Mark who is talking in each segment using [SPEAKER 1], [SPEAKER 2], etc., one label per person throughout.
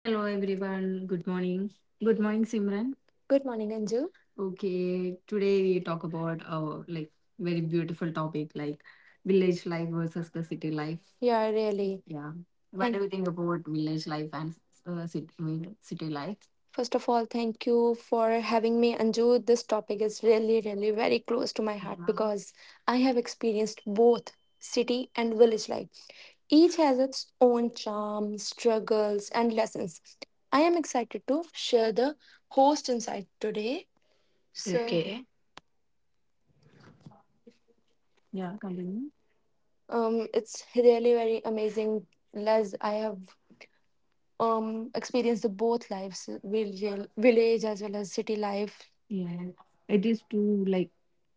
[SPEAKER 1] Hello everyone. Good morning. Good morning, Simran. Good morning, Anju. Okay, today we talk about our like very beautiful topic like village life versus the city life. Yeah, really. Yeah. What Thank do you think about village life and city, I mean, city life? First of all, thank you for having me, Anju. This topic is really, really very close to my heart. Yeah. Because I have experienced both city and village life. Each has its own charm, struggles, and lessons. I am excited to share the host insight today. So, okay. Yeah, continue. It's really very amazing. Les, I have experience the both lives village as well as city life. Yeah, it is two like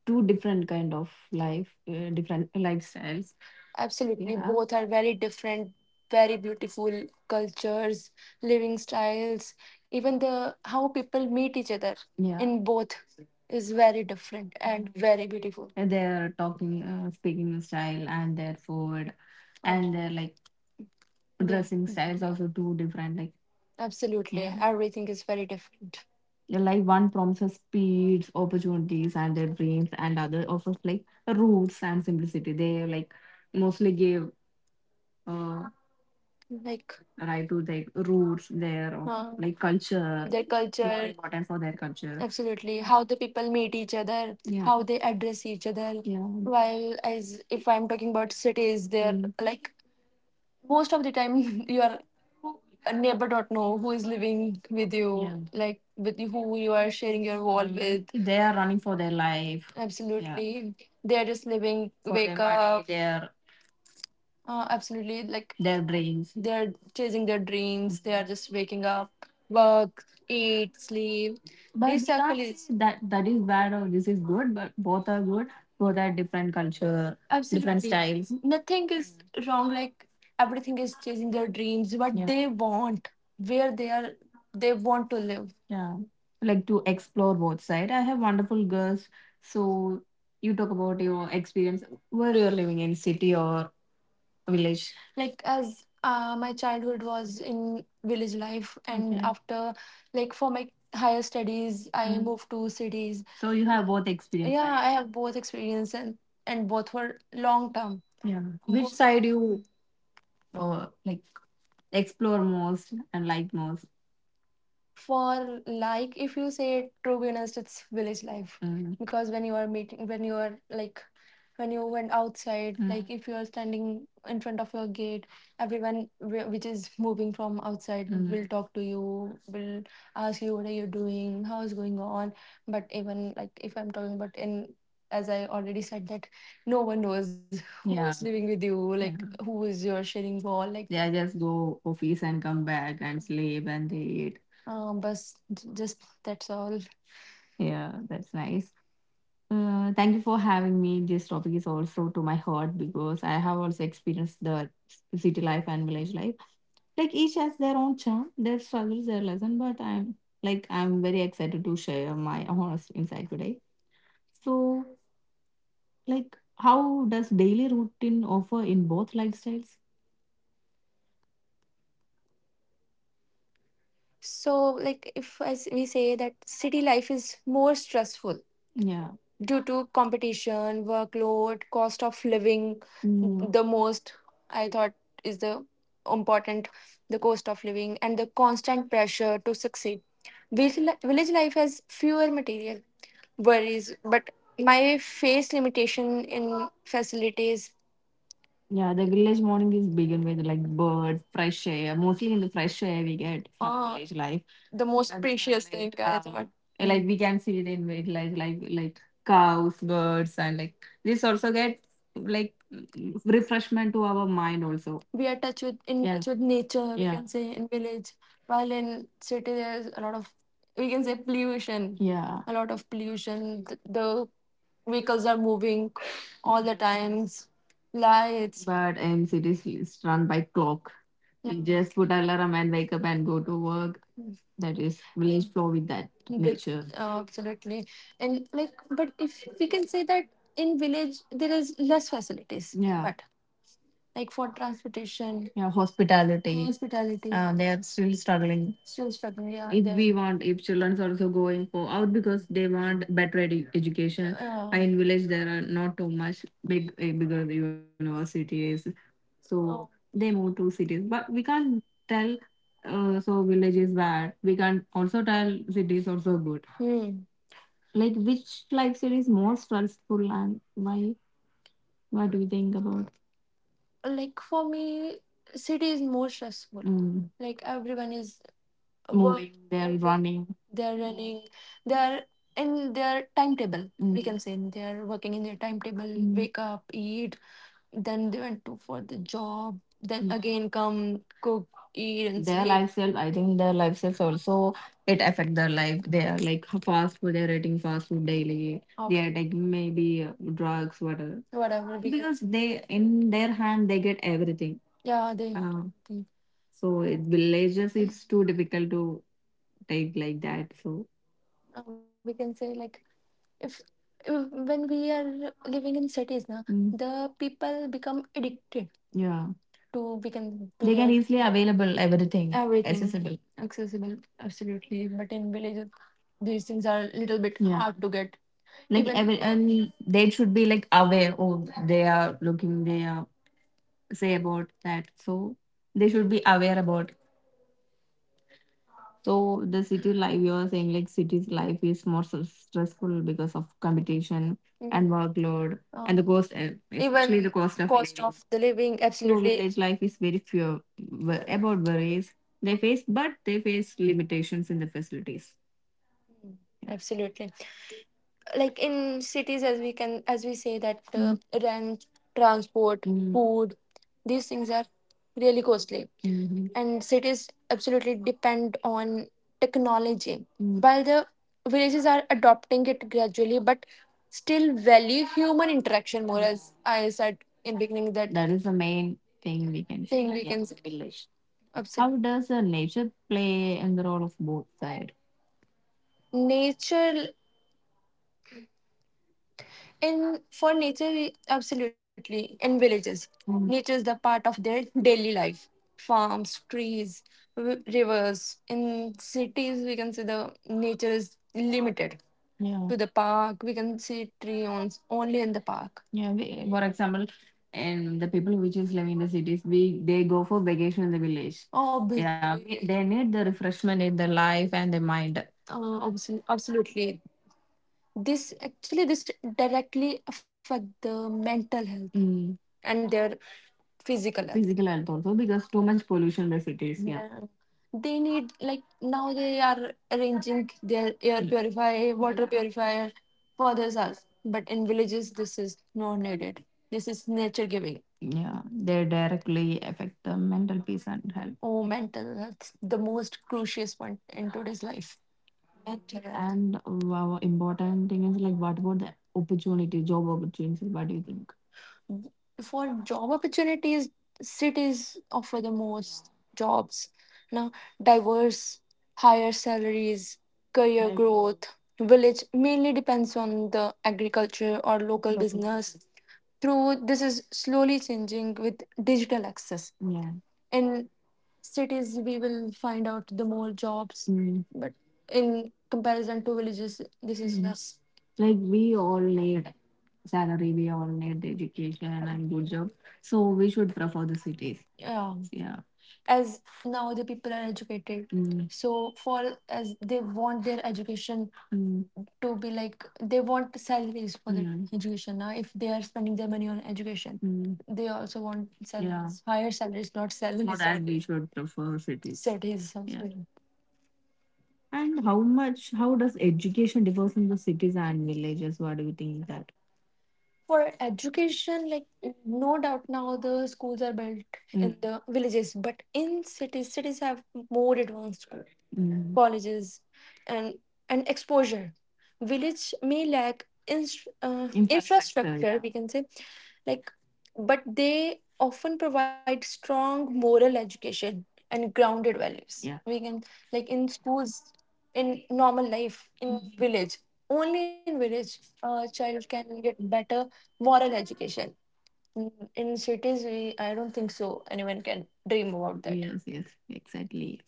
[SPEAKER 1] two different kind of life, different lifestyles. Absolutely. Yeah, both are very different, very beautiful cultures, living styles, even the how people meet each other. Yeah. In both is very different and very beautiful. And their talking, speaking style, and their food, and their like dressing styles also too different like. Absolutely. Yeah. Everything is very different. Like one promises speeds, opportunities and their dreams, and other offers like roots and simplicity. They like mostly give uh like right to like roots their of like culture. Their more culture, important for their culture. Absolutely. How the people meet each other, yeah, how they address each other. Yeah. While as if I'm talking about cities, they're, Mm, like most of the time your neighbor don't know who is living with you. Yeah. Like with you, who you are sharing your wall, Mm, with. They are running for their life. Absolutely. They're just living for wake their money, up they are, absolutely. Like their dreams, they're chasing their dreams. They are just waking up, work, eat, sleep. But it's we can't actually say that that is bad or this is good, but both are good. Both are different culture, different absolutely styles. Nothing is wrong. Like everything is chasing their dreams, what, yeah, they want, where they are, they want to live. Yeah. Like to explore both side, I have wonderful girls. So you talk about your experience. Were you living in city or village? Like as my childhood was in village life and, okay, after like for my higher studies I, Mhm, moved to cities. So you have both experience. Yeah, right? I have both experience and both were long term. Yeah. Which side you like explore most and like most? For like if you say, to be honest, it's village life. Mm. Because when you are meeting, when you are like, when you went outside, Mm, like if you are standing in front of your gate, everyone which is moving from outside, Mm, will talk to you, will ask you what are you doing, how is going on. But even like if I'm talking about in, as I already said that no one knows who is, yeah, is living with you, yeah, like, yeah, who is your sharing wall like. They just go office and come back and sleep and they eat. But just that's all. Yeah, that's nice. Thank you for having me. This topic is also to my heart because I have also experienced the city life and village life. Like each has their own charm, their struggles, their lesson. But I'm like I'm very excited to share my honest insight today. So, like, how does daily routine offer in both lifestyles? So, like, if as we say that city life is more stressful. Yeah. Due to competition, workload, cost of living, Mm, the most I thought is the important, the cost of living and the constant pressure to succeed. Village, village life has fewer material worries, but my face limitation in facilities. Yeah, the village morning is begun with like birds, fresh air. Mostly in the fresh air we get from, village life. The most, and then, precious thing like I, thought. Like we can see it in village life, like cows, birds, and like this also get like refreshment to our mind also. We are touch with in, yeah, touch with nature, we, yeah, can say in village. While in city there's a lot of, we can say, pollution. Yeah, a lot of pollution. The vehicles are moving all the times. Lights. But in cities, it's run by clock. We just put alarm and wake up and go to work. That is, village flow with that nature. Absolutely. And like but if we can say that in village there is less facilities. Yeah. But like for transportation, yeah, hospitality. Hospitality, they are still struggling. Still struggling. Yeah, if we want, if childrens also going for out because they want better education. In village there are not too much big bigger universities, so, oh, they move to cities. But we can't tell. So village is bad. We can't also tell cities also good. Hmm. Like which lifestyle is more stressful and why? What do you think about? Like for me, city is more stressful. Mm. Like everyone is moving, they're running. They're running, they're in their timetable, Mm, we, Mm, can say they're working in their timetable, Mm, wake up, eat, then they went to for the job, then again come, cook, eat and their sleep lifestyle. I think their lifestyles also, it affect their life. They are like fast food, they're eating fast food daily. They are taking maybe drugs, whatever, whatever, because they in their hand they get everything. Yeah, they have, everything. So it villages it's too difficult to take like that. So, we can say like, if, uh, when we are living in cities now, Mm, the people become addicted. Yeah. To become to, they can their easily available, everything, everything accessible. Accessible. Absolutely. But in villages these things are a little bit, yeah, hard to get. Like even every and they should be like aware. Oh, they are looking. They are say about that. So they should be aware about, so the city life, you are saying like city's life is more so stressful because of competition and workload. And the cost, especially even the cost of cost living. Of the living, true, absolutely. Village life is very few about worries they face, but they face limitations in the facilities. Mm, yeah. Absolutely. Like in cities, as we can, as we say that, Mm, rent, transport, Mm, food, these things are really costly, Mhm, and cities absolutely depend on technology. Mm. While the villages are adopting it gradually, but still value human interaction more, as I said in beginning. That that is the main thing we can thing say, we, yeah, can say. Village. Absolutely. How does nature play in the role of both sides? Nature. And for nature, absolutely. In villages, Mm, nature is the part of their daily life. Farms, trees, rivers. In cities, we can see the nature is limited, yeah, to the park. We can see trees only in the park. Yeah, we, for example, and the people which is living in the cities, we they go for vacation in the village. Oh, yeah, obviously, they need the refreshment in the life and the mind. Absolutely. This actually this directly affect the mental health. Mm. And their physical health. Physical health also because too much pollution by cities. Yeah. Yeah. They need like now they are arranging their air purifier, water purifier for their selves, but in villages this is not needed, this is nature giving. Yeah. They directly affect the mental peace and health. Oh, mental health, the most crucial point in today's life. Correct. And wow, important thing is like, what about the opportunity, job opportunities? What do you think? For job opportunities, cities offer the most jobs. Now, diverse, higher salaries, career, like, growth. Village mainly depends on the agriculture or local business. Business. Through this is slowly changing with digital access. Yeah. In cities we will find out the more jobs, Mm, but in comparison to villages this is, Mm, less. Like we all need salary, we all need education and good job. So we should prefer the cities. Yeah. Yeah. As now the people are educated, Mm, so for, as they want their education, Mm, to be like they want salaries for their, Mm, education. Now if they are spending their money on education, Mm, they also want, yeah, salaries, yeah, higher salaries, not for salaries. For that, we should prefer cities. Cities also, yeah, also. And how much, how does education differ in the cities and villages? What do you think that? For education, like no doubt now the schools are built in, Mm, the villages, but in cities, cities have more advanced Mm, colleges and exposure. Village may lack infrastructure, yeah, we can say, like, but they often provide strong moral education and grounded values. Yeah. We can, like, in schools, in normal life, in village, only in village, a child can get better moral education. In cities, we I don't think so. Anyone can dream about that. Yes, yes, exactly.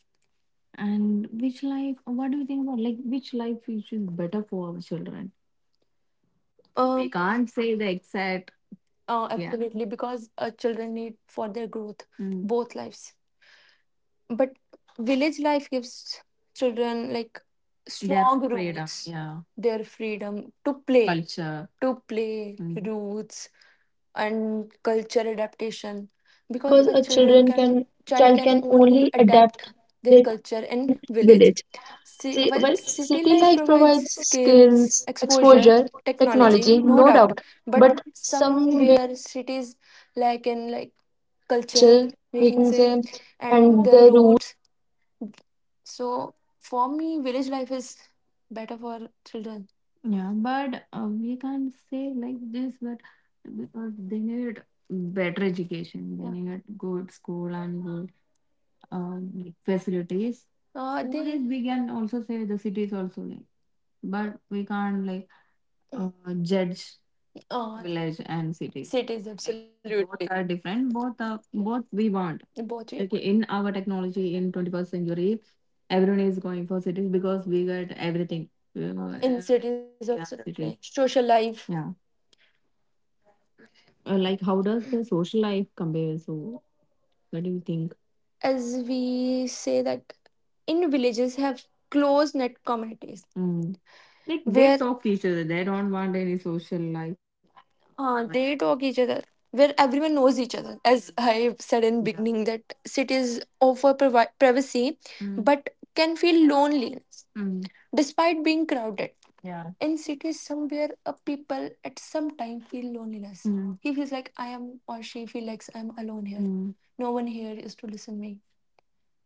[SPEAKER 1] And which life, what do you think about, like, which life which is better for our children? We can't say the exact, yeah, absolutely, because children need for their growth both lives. But village life gives children like their strong freedom, roots, yeah, their freedom to play. Culture. To play, roots and culture adaptation, because
[SPEAKER 2] Because
[SPEAKER 1] a
[SPEAKER 2] a
[SPEAKER 1] children
[SPEAKER 2] children
[SPEAKER 1] can
[SPEAKER 2] can
[SPEAKER 1] child
[SPEAKER 2] child
[SPEAKER 1] can
[SPEAKER 2] can
[SPEAKER 1] only
[SPEAKER 2] only
[SPEAKER 1] adapt
[SPEAKER 2] adapt
[SPEAKER 1] their
[SPEAKER 2] with
[SPEAKER 1] culture in village.
[SPEAKER 2] village.
[SPEAKER 1] See,
[SPEAKER 2] See,
[SPEAKER 1] well,
[SPEAKER 2] well,
[SPEAKER 1] city
[SPEAKER 2] city
[SPEAKER 1] life
[SPEAKER 2] life
[SPEAKER 1] provides
[SPEAKER 2] provides
[SPEAKER 1] skills,
[SPEAKER 2] skills,
[SPEAKER 1] exposure,
[SPEAKER 2] exposure,
[SPEAKER 1] technology,
[SPEAKER 2] technology,
[SPEAKER 1] no
[SPEAKER 2] no
[SPEAKER 1] doubt,
[SPEAKER 2] doubt,
[SPEAKER 1] but
[SPEAKER 2] but somewhere
[SPEAKER 1] somewhere cities, like culture,
[SPEAKER 2] culture,
[SPEAKER 1] we
[SPEAKER 2] we
[SPEAKER 1] can
[SPEAKER 2] can say,
[SPEAKER 1] say, and
[SPEAKER 2] and
[SPEAKER 1] the
[SPEAKER 2] the rules,
[SPEAKER 1] roots, so for me, village life is better for children. Yeah, but we can't say like this, but because they need better education, they, yeah, need good school and good, like, facilities. Nowadays, we can also say the cities also, like, but we can't, like, uh, judge village and cities. Both, absolutely, are different. Both are, both we want. Both we, okay, want. In our technology in 21st century, everyone is going for cities because we get everything. You know, in cities, yeah, cities, absolutely. Social life, yeah. Like, how does the social life compare? So, what do you think? As we say that in villages have close knit communities. Mm. Like, they where talk to each other. They don't want any social life. They talk each other, where everyone knows each other. As I said in, yeah, beginning that cities offer privacy, mm, but can feel loneliness, mm, despite being crowded. Yeah. In cities, somewhere a people at some time feel loneliness. Mm. He feels like I am, or she feels like I'm alone here. Mm. No one here is to listen me,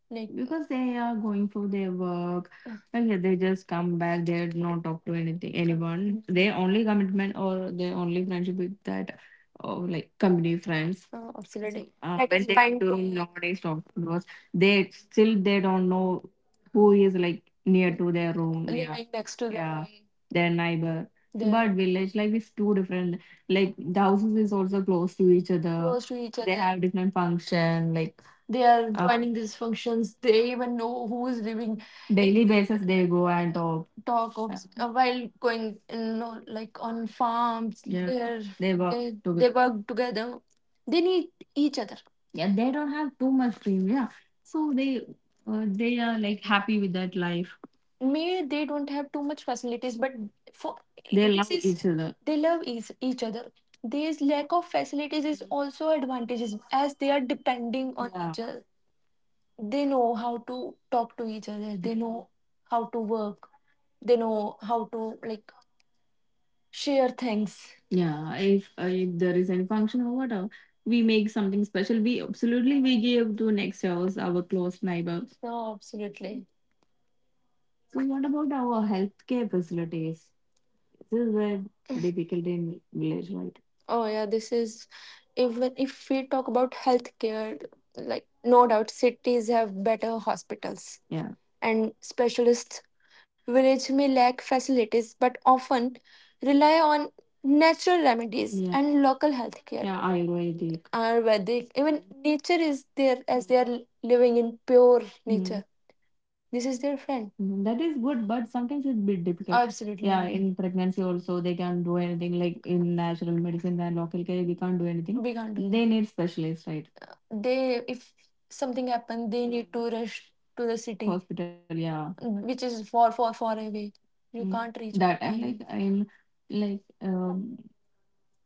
[SPEAKER 1] like, because they are going for their work. Like, they just come back, they do not talk to anything, anyone. Their only commitment, or their only friendship with that or like company friends. So, absolutely. That when is they fine do to me. Nowadays, talk to us, they still, they don't know who is like near to their room, yeah. Living next to them, yeah, their neighbor. They're, but village life is too different. Like, the houses is also close to each other, close to each They other. Have different function, like they are, joining these functions. They even know who is living. Daily basis, they go and talk, talk of, while going in, know, like on farms. Yeah, they're, they work, they together. Work together. They need each other. Yeah, they don't have too much dream. Yeah, so they, they are like happy with that life. May they don't have too much facilities, but for, they this, love this is each other, they love each other. This lack of facilities is also advantages, as they are depending on, yeah, each other. They know how to talk to each other. They know how to work. They know how to, like, share things. Yeah, if there is any function or whatever, we make something special. We, absolutely, we give to next house, our close neighbor. No, absolutely. So what about our healthcare facilities? This is very difficult in village, right? Oh yeah, this is, even if we talk about healthcare, like, no doubt cities have better hospitals, yeah, and specialists. Village may lack facilities but often rely on natural remedies, yeah, and local healthcare. Yeah, Ayurvedic. Ayurvedic, even nature is there, as they are living in pure nature. This is their friend. That is good, but sometimes it's a bit difficult. Absolutely. Yeah, in pregnancy also they can't do anything, like, in natural medicine and local care we can't do anything. We can't They need specialists, right? They if something happened, they need to rush to the city. Hospital, yeah, which is far, far, far away. You, mm, can't reach. That and time, like, I'm like, um,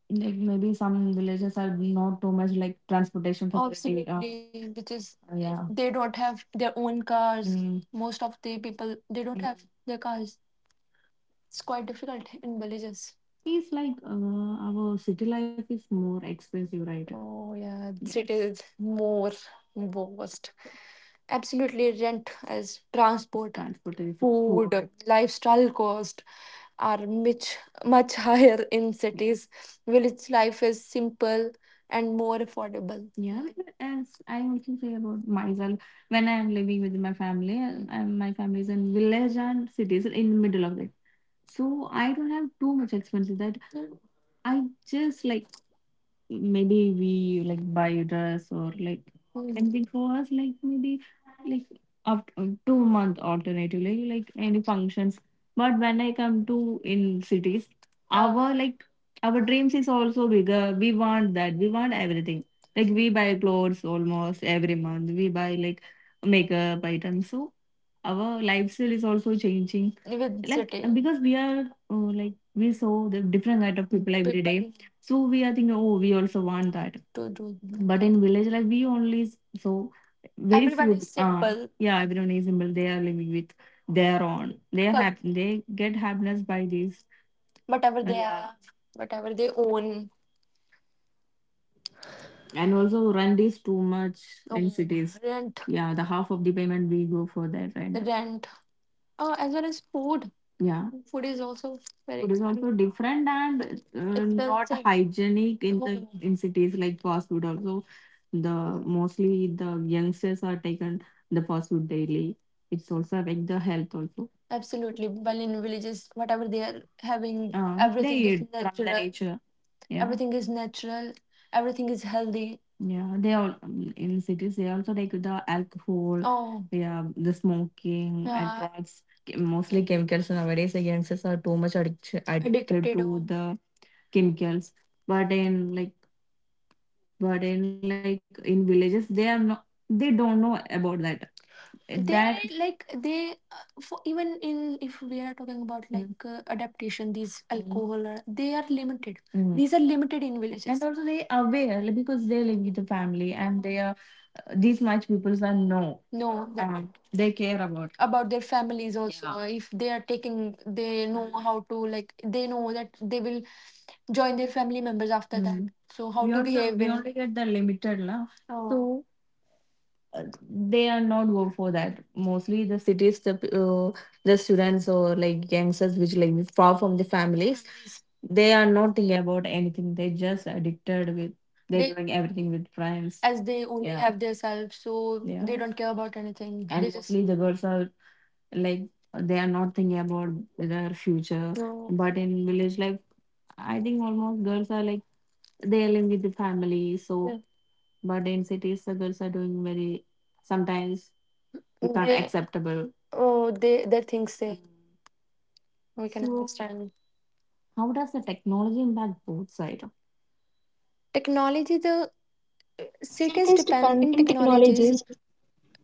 [SPEAKER 1] like, maybe some villages are not too much like transportation facility. Absolutely, which is, yeah, they don't have their own cars. Mm. Most of the people, they don't have their cars. It's quite difficult in villages. It's like, our city life is more expensive, right? Oh yeah, yes, city is more worst. Absolutely, rent as transport, transportation, food, food, lifestyle cost are much, much higher in cities. Village life is simple and more affordable. Yeah, as I also say about myself, when I am living with my family, and my family is in village and cities in the middle of it. So I don't have too much expenses, that I just like, maybe we like buy a dress, or like, Mm. something for us, like, maybe, like, after 2 month alternatively, like any functions, but when I come to in cities, our like, our dreams is also bigger, we want that, we want everything, like we buy clothes almost every month, we buy like makeup items. So our lifestyle is also changing with, like, city, because we are, oh, like, we saw the different kind of people every, people day, so we are thinking, oh, we also want that to do. But in village life, we only so very, everyone few is, simple. Yeah, everyone is simple. They are living with their own. They are, correct, happy. They get happiness by this. Whatever, and they, and are, whatever they own, and also rent is too much in, oh, cities, rent, yeah, the half of the payment we go for that, the rent, rent. As well as food. Yeah. Food is also very, food is expensive, also different and not, expensive, hygienic in the, in cities, like fast food. Also, the mostly the youngsters are taken the fast food daily. It's also affect the health also. Absolutely. While in villages, whatever they are having, they everything, they is eat from the natural, nature. Yeah, everything is natural, everything is healthy. Yeah, they all, in cities they also take the alcohol, oh yeah, the smoking and, yeah, drugs. Mostly chemicals nowadays. The youngsters are too much addiction addicted addicted to, oh, the chemicals. But in like, but in in villages, they are not. They don't know about that. That they, like they, for even in, if we are talking about, like, adaptation, these, alcohol or, they are limited. Mm. These are limited in villages. And also they are aware, like, because they live with the family and they are, these much peoples are know. No, that, and they care about their families also, yeah. If they are taking, they know how to, like, they know that they will join their family members after that. Mm. So how we to also behave, we in only get the limited now, so, oh, uh, they are not go for that. Mostly the cities, uh, the students or like youngsters which like far from the families, they are not thinking about anything, they just addicted with, they're, they doing everything with friends, as they only, yeah, have their self, so yeah, they, yeah, don't care about anything. And they just mostly, the girls are like, they are not thinking about their future, no. But in village life, I think almost girls are like, they are living with the family, so, yeah. But in cities, the girls are doing very, sometimes it's not, they, acceptable, oh, they things they, we can, so, understand. How does the technology impact both sides? Technology, the cities
[SPEAKER 2] cities
[SPEAKER 1] depend
[SPEAKER 2] depend
[SPEAKER 1] in
[SPEAKER 2] in
[SPEAKER 1] technologies.
[SPEAKER 2] technologies.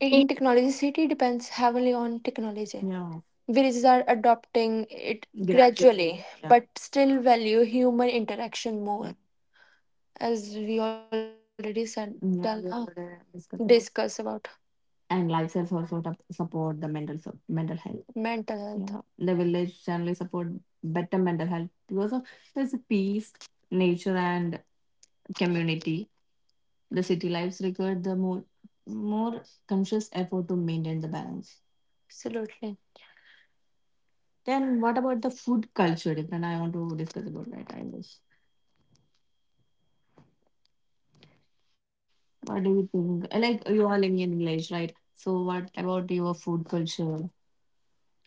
[SPEAKER 1] In technology, city depends heavily on technology. Yeah, villages are adopting it gradually, gradually, yeah, but still value human interaction, yeah, more, as we already said, yeah, done, we, already discussed about, discuss about, and lifestyles also to support the mental health, mental health. Yeah, the village generally support better mental health because of there's a peace, nature, and community. The city lives require the more, more conscious effort to maintain the balance. Absolutely. Then what about the food culture? Different. I want to discuss about that, I guess. What do you think? Like, you are living in village, right? So what about your food culture?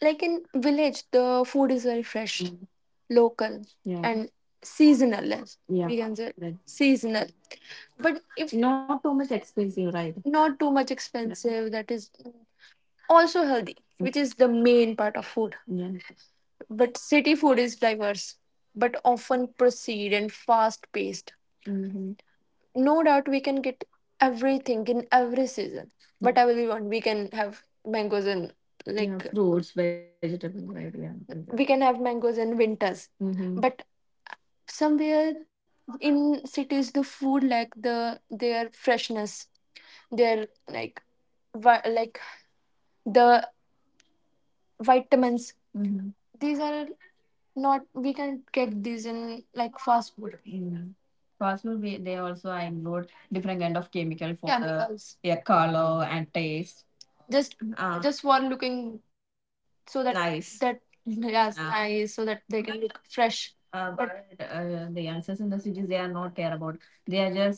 [SPEAKER 1] Like, in village the food is very fresh, mm, local, yeah, and seasonal, as, yeah, we can say, right, seasonal, but if, not too much expensive, right? Not too much expensive, that is also healthy, which is the main part of food. Yeah. But city food is diverse but often proceed and fast paced. Mhm. No doubt we can get everything in every season, but yeah, I will want we can have mangoes in, yeah, like, yeah, fruits, vegetables, right? Yeah, we can have mangoes in winters. Mm-hmm. But somewhere in cities the food like the their freshness, their like the vitamins. Mm-hmm. These are not, we can get these in like fast food. Mm. Fast food, we, they also include different kind of chemical for chemicals, the, yeah, color and taste. Just Ah. just for looking so that, nice, that, yes, ah, nice, so that they can look fresh. But the youngsters in the cities, they are not care about. They are just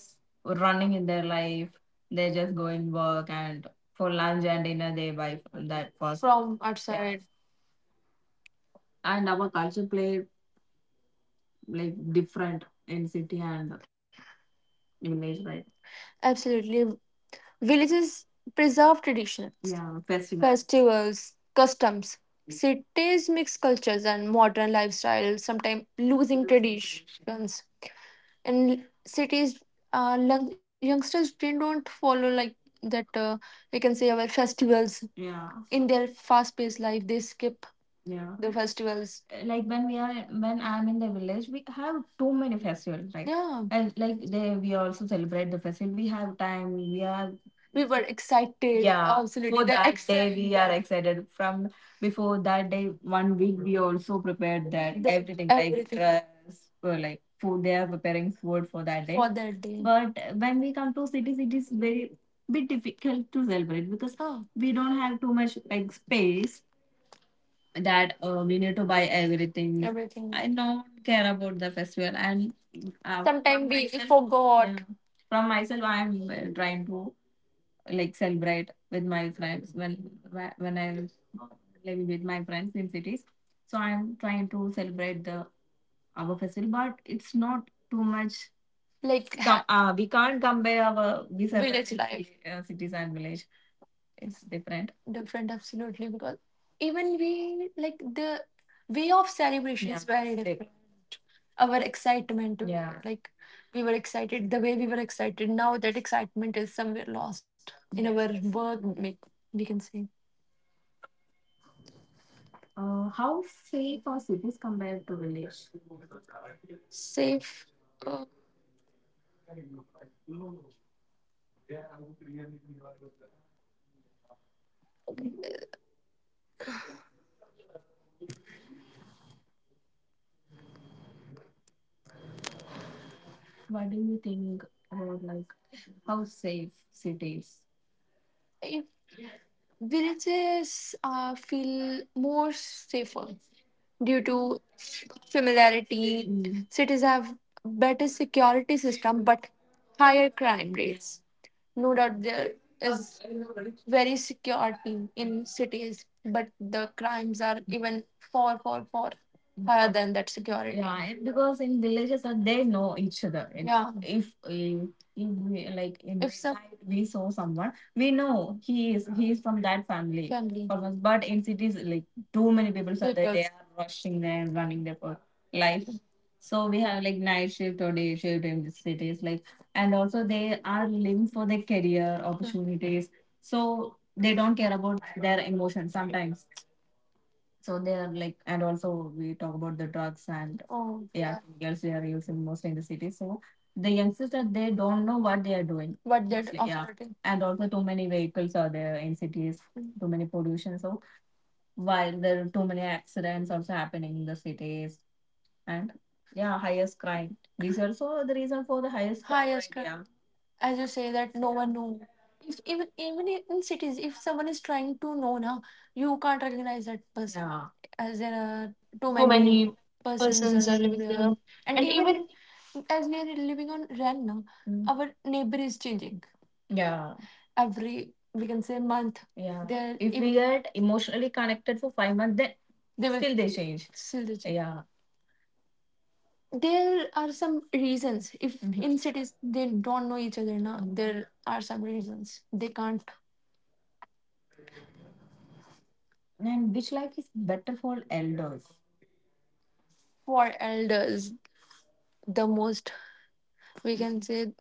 [SPEAKER 1] running in their life. They're just going work, and for lunch and dinner they buy from that fast, from outside. And our culture play like different in city and village, right? Absolutely. Villages preserve traditions, yeah, festival, festivals, customs. Cities mix cultures and modern lifestyles, sometimes losing traditions. And cities, youngsters, they don't follow like that, we can say our festivals, yeah, in their fast paced life they skip, yeah, the festivals, like when we are, when I'm in the village we have too many festivals, right, yeah, and like they, we also celebrate the festival, we have time, we are, we were excited, yeah, absolutely, for the that ex- day we are excited from before that day 1 week. We also prepared that, the everything, like everything, dress or like food. They are preparing food for that day, for that day. But when we come to cities it is very bit difficult to celebrate because, oh, we don't have too much like space, that, we need to buy everything, everything. I don't care about the festival, and sometimes we, myself forgot, yeah. From myself I'm trying to like celebrate with my friends when, when I was uh, living with my friends in cities. So I'm trying to celebrate the our festival, but it's not too much like, we can't compare our village life, cities and village. It's different, different, absolutely, because even we like the way of celebration is, yeah, very different. Our excitement, yeah, like we were excited, the way we were excited, now that excitement is somewhere lost in our work, we can say. How safe are cities compared to village? Safe, uh, what do you think about like how safe cities? eh, Villages feel more safer due to familiarity. Cities have better security system but higher crime rates. No doubt there is very security in cities, but the crimes are even far, far, far higher than that security. Yeah, and because in villages they know each other. Yeah. If if we, like in, if some night we saw someone, we know he is from that family, family, almost. But in cities, like too many people are there, people, they, people are rushing there, running there for life. So we have like night shift or day shift in the cities. Like, and also they are living for their career opportunities, so they don't care about their emotions sometimes. So they are like, and also we talk about the drugs and, oh yeah, girls, they are using mostly in the city, so the youngsters, that they don't know what they are doing, what they're mostly, yeah, offering. And also too many vehicles are there in cities, too many pollution, so while there are too many accidents also happening in the cities. And yeah, highest crime, these are also the reason for the highest crime, highest rate, yeah. As you say that no one knew, if even in cities if someone is trying to know now, you can't recognize that person. Yeah. As there are too
[SPEAKER 2] How
[SPEAKER 1] many
[SPEAKER 2] many
[SPEAKER 1] persons
[SPEAKER 2] persons
[SPEAKER 1] are
[SPEAKER 2] are
[SPEAKER 1] living
[SPEAKER 2] living
[SPEAKER 1] there,
[SPEAKER 2] there,
[SPEAKER 1] and
[SPEAKER 2] and
[SPEAKER 1] even
[SPEAKER 2] even
[SPEAKER 1] as we are living on rent now. Mm. Our neighbor is changing, yeah, every, we can say, month, yeah. There, If we get emotionally connected for 5 months, then they will still they change. Yeah, there are some reasons, if, mhm, in cities they don't know each other now, there are some reasons they can't. And which life is better for elders? For elders, the most, we can say,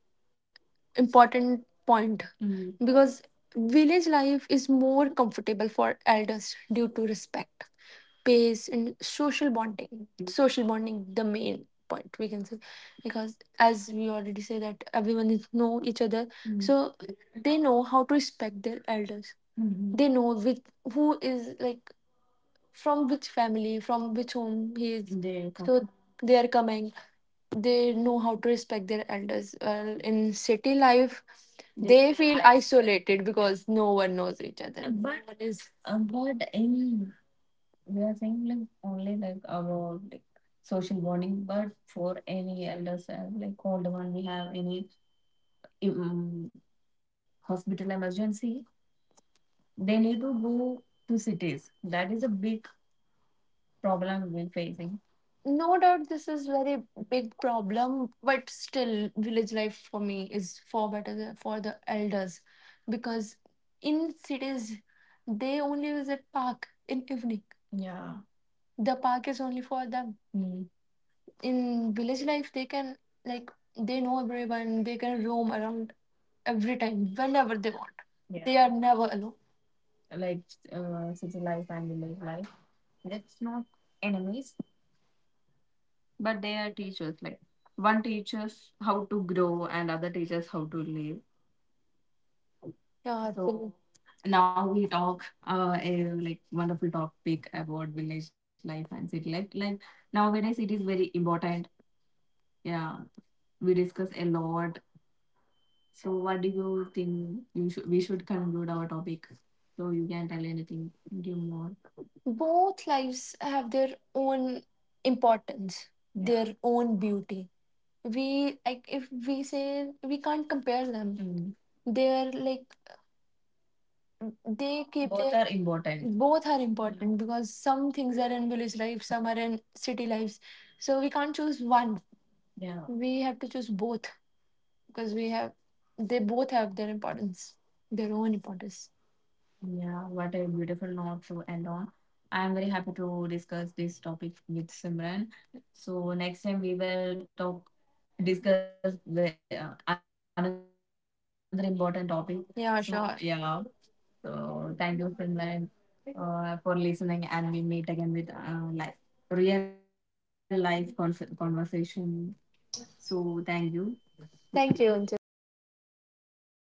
[SPEAKER 1] important point. Mm. Because village life is more comfortable for elders due to respect, pace and social bonding, social bonding, the main point we can say. Because as we already say that everyone is know each other. Mm. So they know how to respect their elders. Mhm. They know which, who is like from which family, from which home he is, they come. So they are coming, they know how to respect their elders. Well in city life they feel isolated because no one knows each other. No, but no one is, but in, we are saying like only like our like social bonding, but for any elders and like older one, we have any, um, hospital emergency, they need to go to cities. That is a big problem we're facing. No doubt this is very big problem, but still village life for me is far better than, for the elders, because in cities they only visit park in evening. Yeah. The park is only for them. In village life they can like, they know everyone, they can roam around every time whenever they want. Yeah. They are never alone. Like city life and village life, that's not enemies, but they are teachers. Like one teaches how to grow, and other teaches how to live. Yeah. So now we talk a like wonderful topic about village life and city life. Like nowadays, it is very important. Yeah, we discuss a lot. So, what do you think you should, we should conclude our topic? So, you can tell anything, give more. Both lives have their own importance, yeah, their own beauty. We, like, if we say we can't compare them. Mm. They're like, they keep, both their are important, both are important, because some things are in village life, some are in city lives. So we can't choose one. Yeah, we have to choose both, because we have, they both have their importance, their own importance. Yeah, what a beautiful note to end on. I'm very happy to discuss this topic with Simran. So next time we will talk, discuss the, another important topic. Yeah, so, sure, yeah. So thank you, Simran, for listening, and we meet again with life, real life conversation. So thank you. Thank you, Anju. Thank you so much.